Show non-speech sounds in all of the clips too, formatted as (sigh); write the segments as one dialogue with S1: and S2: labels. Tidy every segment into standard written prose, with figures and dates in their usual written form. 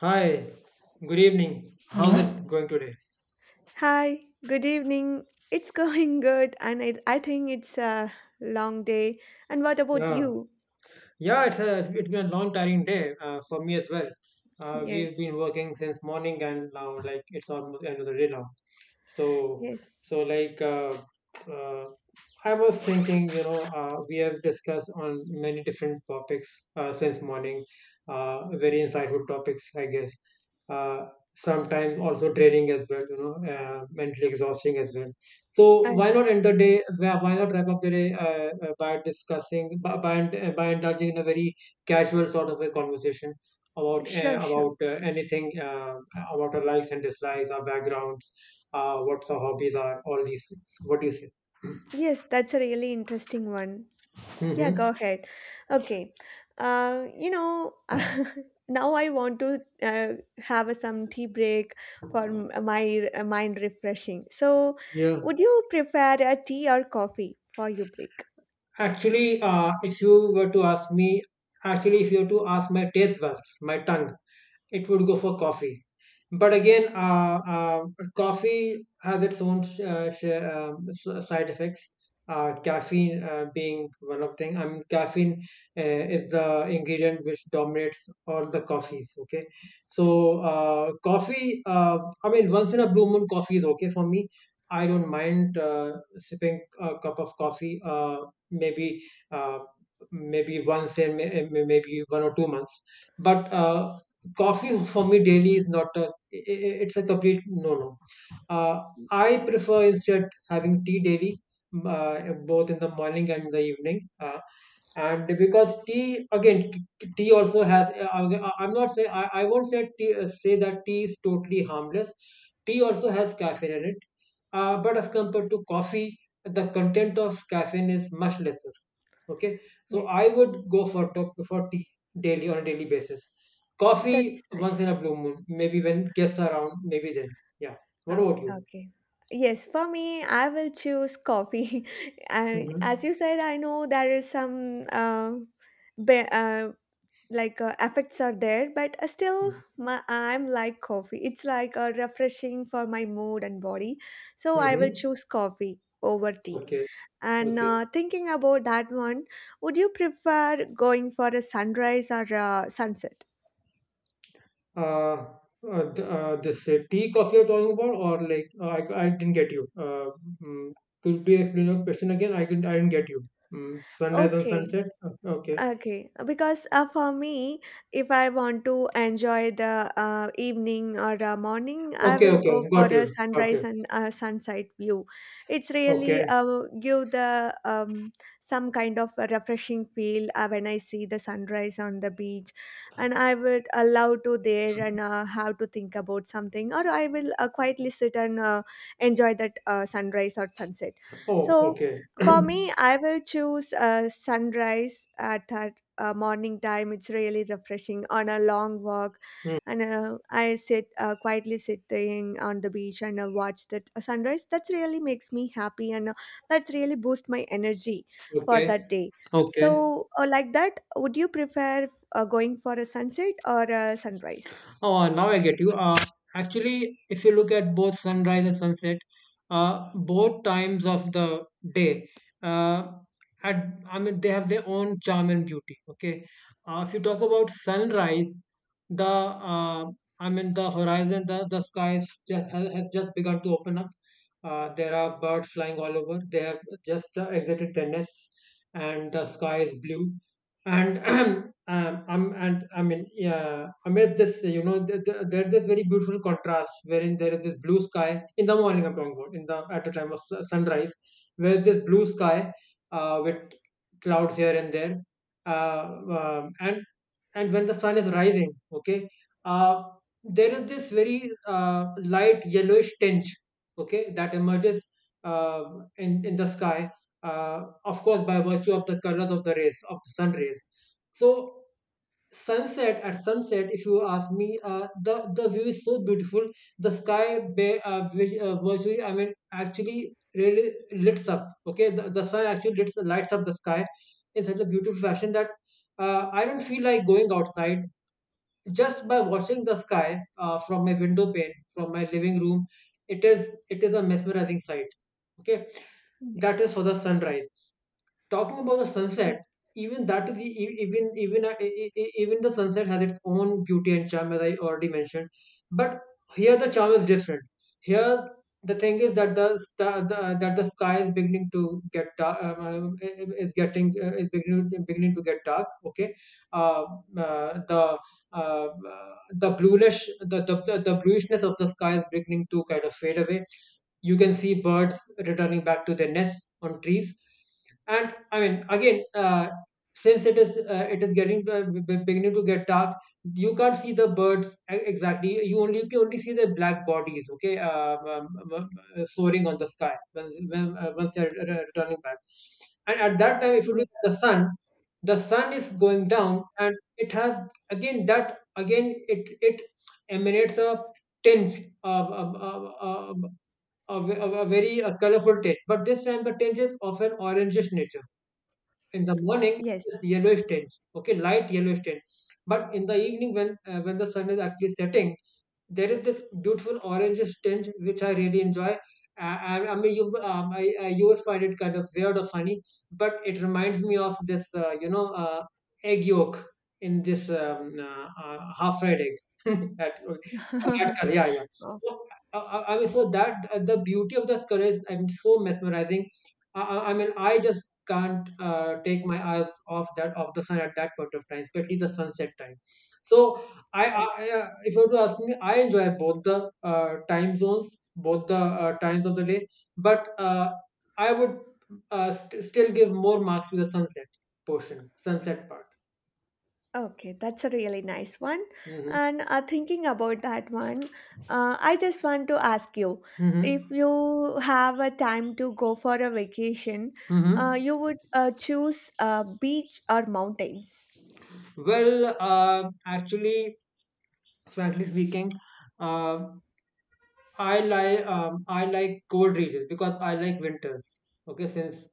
S1: Hi, good evening. How's Hello. It going today?
S2: Hi, good evening. It's (laughs) going good, and I think it's a long day. And what about
S1: Yeah,
S2: you?
S1: yeah, it's been a long, tiring day for me as well.
S2: (laughs)
S1: We've
S2: Yes,
S1: been working since morning, and now like it's almost the end of the day now. So,
S2: yes.
S1: so uh, I was thinking, we have discussed on many different topics since morning. Very insightful topics, I guess. Uh, sometimes also draining as well, mentally exhausting as well.
S2: Uh,
S1: So why not end the day? Why not wrap up the day by indulging in a very casual sort of a conversation about
S2: sure, sure.
S1: anything, about our likes and dislikes, our backgrounds, what our hobbies are, all these things. What do you say?
S2: Yes, that's a really interesting one. Yeah,
S1: Hmm
S2: go ahead. Okay. Uh, you know, (laughs) Now I want to have a some tea break for my mind refreshing. So,
S1: Yeah.
S2: would you prefer a tea or coffee for your break?
S1: Actually, if you were to ask me, actually, if you were to ask my taste buds, my tongue, it would go for coffee. But again, coffee has its own side effects. Caffeine being one of thing. I mean, caffeine uh, is the ingredient which dominates all the coffees. Okay, so coffee. I mean, once in a blue moon, coffee is okay for me. I don't mind sipping a cup of coffee. Maybe uh, maybe once in may- eh, may- maybe 1 or 2 months, but coffee for me daily is not it's a complete no no. uh, I prefer instead having tea daily, both in the morning and the evening. And because tea again, tea also has. I won't say tea, say that tea is totally harmless. Tea also has caffeine in it, but as compared to coffee, the content of caffeine is much lesser. Okay, so I
S2: Yes,
S1: would go for tea daily on a daily basis. Coffee
S2: that's
S1: once
S2: nice.
S1: in a blue moon, maybe when guests are around, maybe then. Yeah. What about you?
S2: Okay. Yes, for me, I will choose coffee. (laughs) I, as
S1: Mhm.
S2: you said, I know there is some be, like effects are there, but still,
S1: Mm.
S2: I'm like coffee. It's like refreshing for my mood and body. So I will
S1: Mhm.
S2: choose coffee over tea.
S1: Okay.
S2: And
S1: Okay.
S2: thinking about that one, would you prefer going for a sunrise or a sunset?
S1: Uh, this tea coffee you're talking about, or like I didn't get you. Mm, could you explain your question again? I didn't get you. Mm, sunrise and
S2: Okay.
S1: sunset. Okay.
S2: Okay, because for me, if I want to enjoy the evening or morning, I
S1: Okay.
S2: will go
S1: Okay.
S2: for
S1: Got
S2: a
S1: you. Got
S2: sunrise
S1: you.
S2: and sunset view. It's really
S1: Okay.
S2: give the some kind of a refreshing feel when I see the sunrise on the beach, and I would allow to there and have to think about something, or I will quietly sit and enjoy that sunrise or sunset.
S1: Oh.
S2: So
S1: Okay.
S2: for me, I will choose a sunrise at that morning time. It's really refreshing on a long walk,
S1: Mm,
S2: and I sit quietly sitting on the beach and watch that sunrise. That really makes me happy, and that really boosts my energy for
S1: okay.
S2: that day.
S1: Okay.
S2: So, like that, would you prefer going for a sunset or a sunrise?
S1: Oh, now I get you. Actually, if you look at both sunrise and sunset, both times of the day, uh, at, I mean, they have their own charm and beauty. Okay. If you talk about sunrise, the I mean, the horizon, the skies just has just begun to open up. There are birds flying all over. They have just exited their nests, and the sky is blue. And (clears throat) I'm and I mean, yeah, amid this, you know, there's this very beautiful contrast wherein there is this blue sky in the morning. I'm talking about in the at the time of sunrise, where this blue sky with clouds here and there, and and when the sun is rising, okay, uh, there is this very light yellowish tinge, okay, that emerges uh, in the sky, of course, by virtue of the colors of the rays of the sun rays. So sunset at sunset, if you ask me, the view is so beautiful. The sky virtually, I mean actually really lights up. Okay, the sun actually lights up the sky in such a beautiful fashion that I don't feel like going outside just by watching the sky from my window pane, from my living room. It is a mesmerizing sight. Okay, that
S2: Yes.
S1: is for the sunrise. Talking about the sunset, even that is e- e- even even e- e- even the sunset has its own beauty and charm, as I already mentioned. But here the charm is different. Here the thing is that the, sta- the that the sky is beginning to get dark, I- is getting is beginning beginning to get dark. Okay, uh, uh, the uh, uh, the bluishness of the sky is beginning to kind of fade away. You can see birds returning back to their nests on trees. And I mean again, since it is getting beginning to get dark, you can't see the birds exactly. You can only see their black bodies. Okay, um, soaring on the sky once they're returning back. And at that time, if you
S2: Yes.
S1: look at the sun, the sun is going down and it has again that again it it emanates a tinge of, a, ve- a very colorful tinge. But this time the tinge is of an orangish nature. In the morning,
S2: Yes.
S1: it's yellowish tinge. Okay, light yellowish tinge. But in the evening, when the sun is actually setting, there is this beautiful orange tinge which I really enjoy. And I mean, you would find it kind of weird or funny, but it reminds me of this, egg yolk in this half-fried egg. (laughs) That, that
S2: (laughs)
S1: color, yeah, yeah.
S2: Oh,
S1: So I mean, so that the beauty of this color is I'm so mesmerizing. I mean, I just can't take my eyes off that off the sun at that point of time, especially the sunset time. So I, I if you were to ask me, I enjoy both the time zones, both the times of the day. But I would still give more marks to the sunset portion, sunset part.
S2: okay, that's a really nice one.
S1: Hmm
S2: And thinking about that one, I just want to ask you if
S1: hmm
S2: you have a time to go for a vacation,
S1: hmm
S2: you would choose beach or mountains?
S1: Well, actually, frankly speaking, uh, I like cold regions because I like winters. Okay, since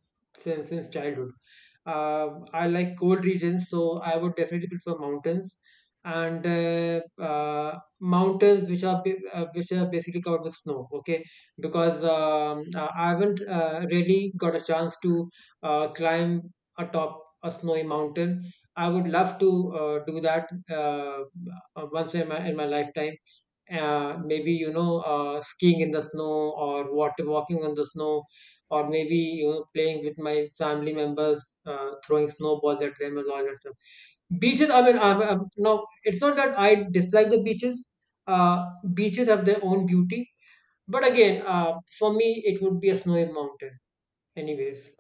S1: since since childhood, I like cold regions, so I would definitely prefer mountains, and mountains which are which are basically covered with snow. Okay, because I haven't really got a chance to climb atop a snowy mountain. I would love to do that once in my lifetime. Maybe, you know, skiing in the snow, or water walking on the snow, or maybe, you know, playing with my family members, throwing snowballs at them and all that stuff. Beaches, I mean, no, it's not that I dislike the beaches. uh, Beaches have their own beauty, but again, for me it would be a snowy mountain anyways.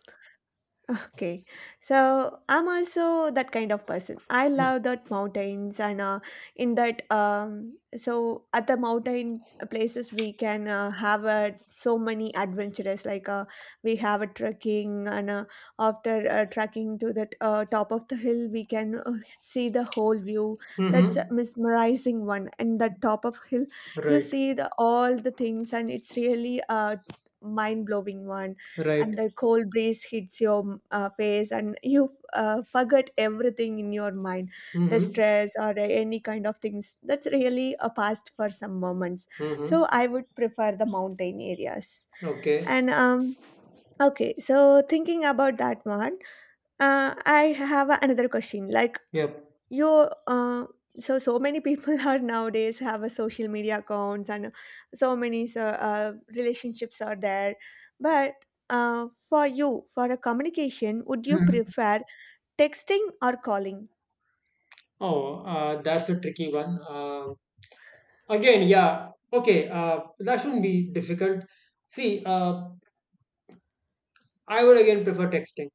S2: Okay, so I'm also that kind of person. I love that mountains and in that so at the mountain places we can have so many adventures like we have a trekking and after trekking to that top of the hill we can see the whole view. That's a
S1: Mm-hmm.
S2: mesmerizing one. And the top of hill you
S1: Right.
S2: see the all the things and it's really a mind blowing one.
S1: Right.
S2: And the cold breeze hits your face and you forget everything in your mind, the
S1: mm-hmm.
S2: stress or any kind of things. That's really a past for some moments,
S1: Mm-hmm.
S2: so I would prefer the mountain areas.
S1: Okay.
S2: And okay so Thinking about that one, I have another question like
S1: Yep.
S2: you uh, so many people (laughs) are nowadays have a social media accounts and relationships are there, but for you, for a communication, would you
S1: Mhm.
S2: prefer texting or calling?
S1: Oh, that's a tricky one. Again, yeah. Okay, that shouldn't be difficult. See, I would again prefer texting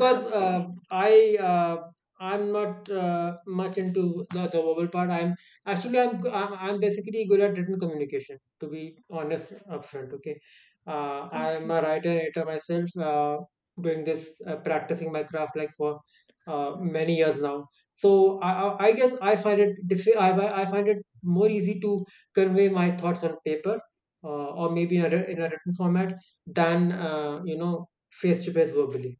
S2: (laughs) Okay,
S1: I uh, I'm not much into the verbal part. I'm actually I'm basically good at written communication. To be honest upfront, okay. I'm
S2: okay.
S1: a writer editor myself. Doing this, practicing my craft like for many years now. So I guess I find it I find it more easy to convey my thoughts on paper, or maybe in a, in a written format than, face to face verbally.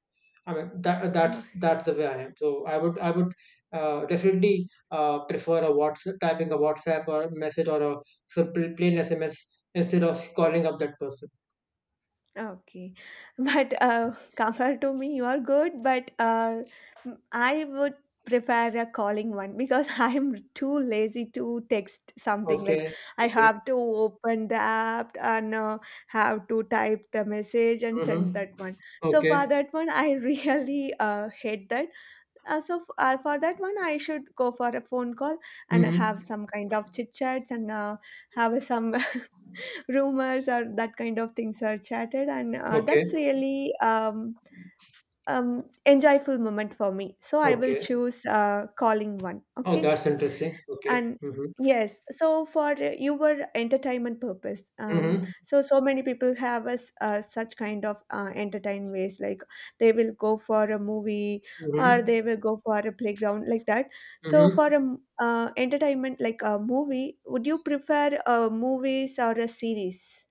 S1: I mean that's the way I am. So I would definitely prefer a WhatsApp or a message or a simple plain SMS instead of calling up that person.
S2: Okay. But (laughs) compared to me, you are good. But I would prepare a calling one because (laughs) I'm too lazy to text something. Like,
S1: Okay,
S2: I
S1: okay,
S2: have to open the app and have to type the message and send
S1: mm-hmm.
S2: that one. So for
S1: Okay,
S2: that one, I (laughs) really hate that. For that one, I should go for a phone call and have
S1: mm-hmm.
S2: some kind of chit chats and have some (laughs) rumors or that kind of things are chatted, and that's
S1: Okay,
S2: really enjoyable moment for me, so I will
S1: okay.
S2: choose calling one.
S1: Oh,
S2: Okay.
S1: that's interesting. Okay,
S2: And
S1: mm-hmm.
S2: yes, so for your entertainment purpose,
S1: Mm-hmm.
S2: so many people have us such kind of entertain ways, like they will go for a movie or
S1: Mm-hmm.
S2: they will go for a playground, like that. So for a
S1: Mm-hmm.
S2: entertainment like a movie, would you prefer movies or a series?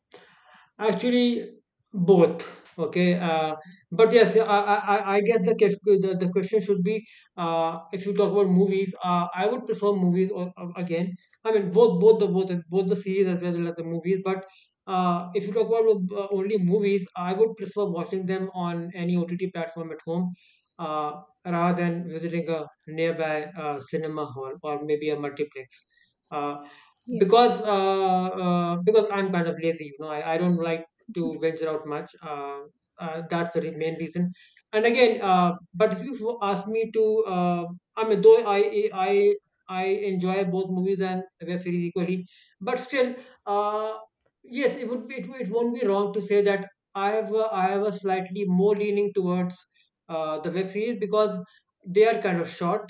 S1: Actually, both. Okay. But yes, I guess the, quef- the question should be, if you talk about movies, I would prefer movies or again, I mean both the series as well as the movies. But if you talk about only movies, I would prefer watching them on any OTT platform at home, rather than visiting a nearby cinema hall or maybe a multiplex. Uh,
S2: Yes.
S1: because I'm kind of lazy, you know, I don't like to venture out much. Main reason. And again, but if you ask me to, I mean, though I enjoy both movies and web series equally, but still, uh, yes, it would be it won't be wrong to say that I have a slightly more leaning towards the web series because they are kind of short.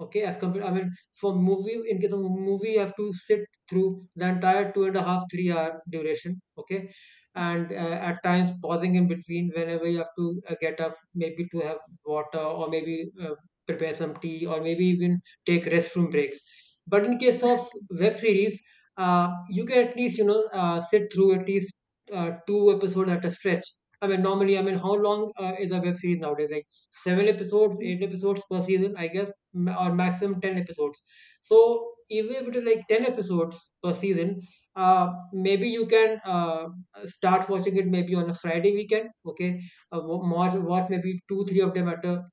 S1: Okay, as compared, I mean, for movie in case of movie you have to sit through the entire two and a half, 3-hour duration. Okay. And at times pausing in between whenever you have to get up, maybe to have water or maybe prepare some tea or maybe even take restroom breaks. But in case of web series, you can at least, sit through at least two episodes at a stretch. I mean, normally, I mean, how long is a web series nowadays? Like seven episodes,
S2: Mm.
S1: eight episodes per season, I guess, ma- or maximum 10 episodes. So even if it is like 10 episodes per season, maybe you can start watching it maybe on a Friday weekend. Okay, uh, watch maybe two three of them at a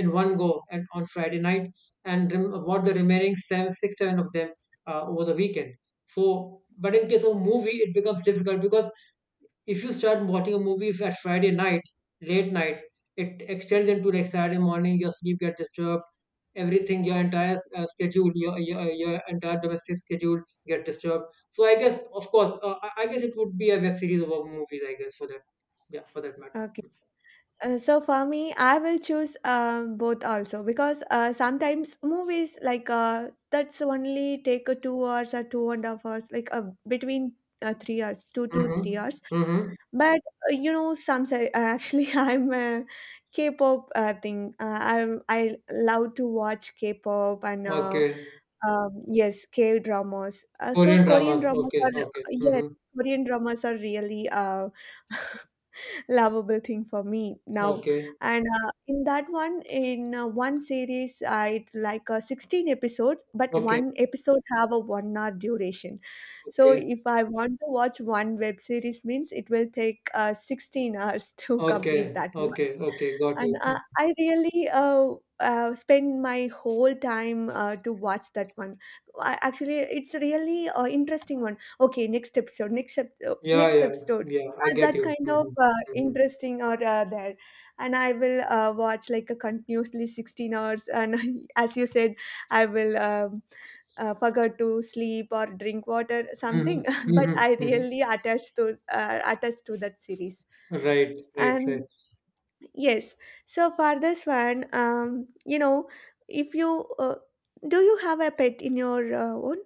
S1: in one go and on Friday night, and watch the remaining seven six seven of them over the weekend. So, but in case of movie, it becomes difficult because if you start watching a movie at Friday night, late night, it extends into like Saturday morning. Your sleep gets disturbed. Everything, your entire schedule, your entire domestic schedule get disturbed. So I guess, of course, I guess it would be a web series about movies. I guess for that, yeah, for that matter.
S2: Okay. So for me, I will choose both also, because sometimes movies like that's only take 2 hours or two and a half hours, like between 3 hours, two to three
S1: Mm-hmm.
S2: hours.
S1: Mm-hmm.
S2: But you know, actually, (laughs) I'm a K-pop thing. I love to watch K-pop and
S1: Okay.
S2: yes, K dramas. So
S1: Korean
S2: Korean
S1: dramas.
S2: dramas
S1: Okay.
S2: are
S1: Okay.
S2: yes,
S1: Mm-hmm.
S2: Korean dramas are really (laughs) (laughs) lovable thing for me now.
S1: Okay.
S2: And in that one, in one series I like 16 episodes, but
S1: Okay.
S2: one episode have a 1 hour duration. So
S1: Okay.
S2: if I want to watch one web series means it will take 16 (laughs) hours to complete
S1: Okay.
S2: that one.
S1: Okay. Okay. Got
S2: And
S1: you. Hmm.
S2: I really spend my whole time to watch that one. I, actually, it's a really interesting one. Okay, next episode,
S1: Yeah.
S2: next
S1: Yeah.
S2: episode.
S1: Yeah. I get
S2: That
S1: you.
S2: kind of
S1: Mm-hmm. Mm-hmm.
S2: interesting or there, and I will watch like a continuously 16 hours. And (laughs) as you said, I will forget to sleep or drink water
S1: Mhm,
S2: something. (laughs) But
S1: mhm,
S2: I
S1: mhm.
S2: really attached to that series.
S1: Right, right, right.
S2: And yes. So for this one, you know, if you do you have a pet in your own?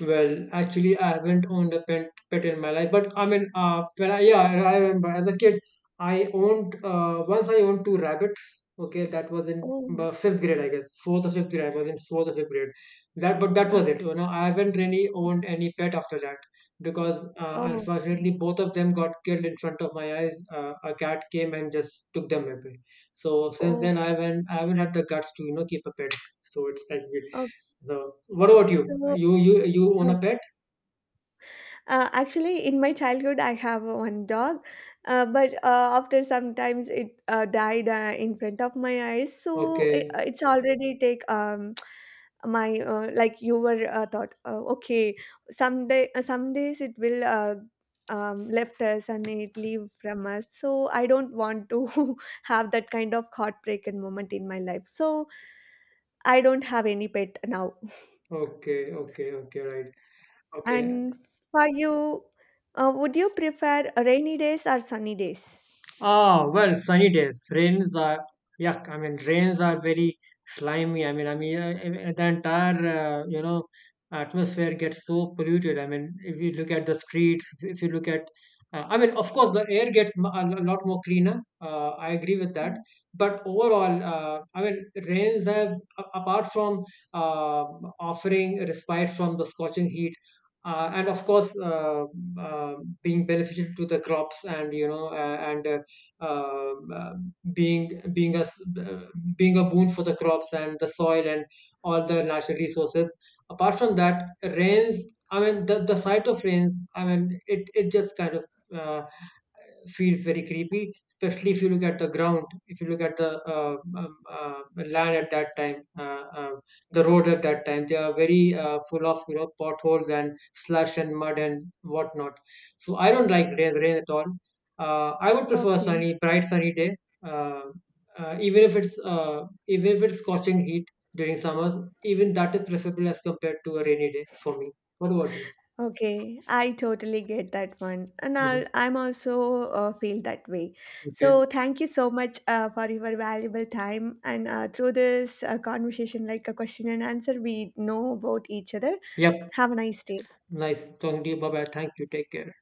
S1: Well, actually, I haven't owned a pet in my life, but I mean, yeah, I remember as a kid, once I owned two rabbits. Okay, that was in
S2: Oh,
S1: fifth grade, I guess, fourth or fifth grade. I was in fourth or fifth grade. But that was it.
S2: okay.
S1: You know, I haven't really owned any pet after that because,
S2: Okay.
S1: unfortunately, both of them got killed in front of my eyes. A cat came and just took them away. So since then,
S2: Okay.
S1: I haven't had the guts to, keep a pet. (laughs) So it's like weird.
S2: Okay.
S1: So, what about you? You own
S2: So,
S1: a pet?
S2: Actually, in my childhood, I have one dog, but after sometimes it died in front of my eyes. So
S1: Okay,
S2: it's already take (tsk) my like you were thought okay, some days it will left us and it leave from us. So I don't want to (laughs) have that kind of heartbreaking moment in my life. So I don't have any pet now.
S1: okay, okay, okay, right. Okay.
S2: And for you, would you prefer rainy days or sunny days?
S1: Ah, well, sunny days. Rains are, yuck. I mean, rains are very slimy. I mean, the entire, atmosphere gets so polluted. I mean, if you look at the streets, if you look at, I mean, of course, the air gets lot more cleaner. I agree with that.
S2: Mm.
S1: But overall, I mean, rains have, apart from uh, offering respite from the scorching heat, and of course, uh, being beneficial to the crops and and um, uh, being being a uh, being a boon for the crops and the soil and all the natural resources. Apart from that, rains. I mean, the sight of rains. I mean, it just kind of uh, feels very creepy, especially if you look at the ground, if you look at the land at that time, the
S2: Uh,
S1: road at that time. They are very full of potholes and slush and mud and whatnot. So I don't like rain at all. I would prefer
S2: Okay,
S1: sunny, bright sunny day. Uh, Even if it's even if it's scorching heat during summer, even that is preferable as compared to a rainy day for me. What about you?
S2: okay, I totally get that one, and
S1: Hmm.
S2: I'm also feel that way.
S1: Okay.
S2: So thank you so much for your valuable time, and through this conversation, like a question and answer, we know about each other.
S1: Yep.
S2: Have a nice day.
S1: Nice talking to you. Bye bye. Thank you. Take care.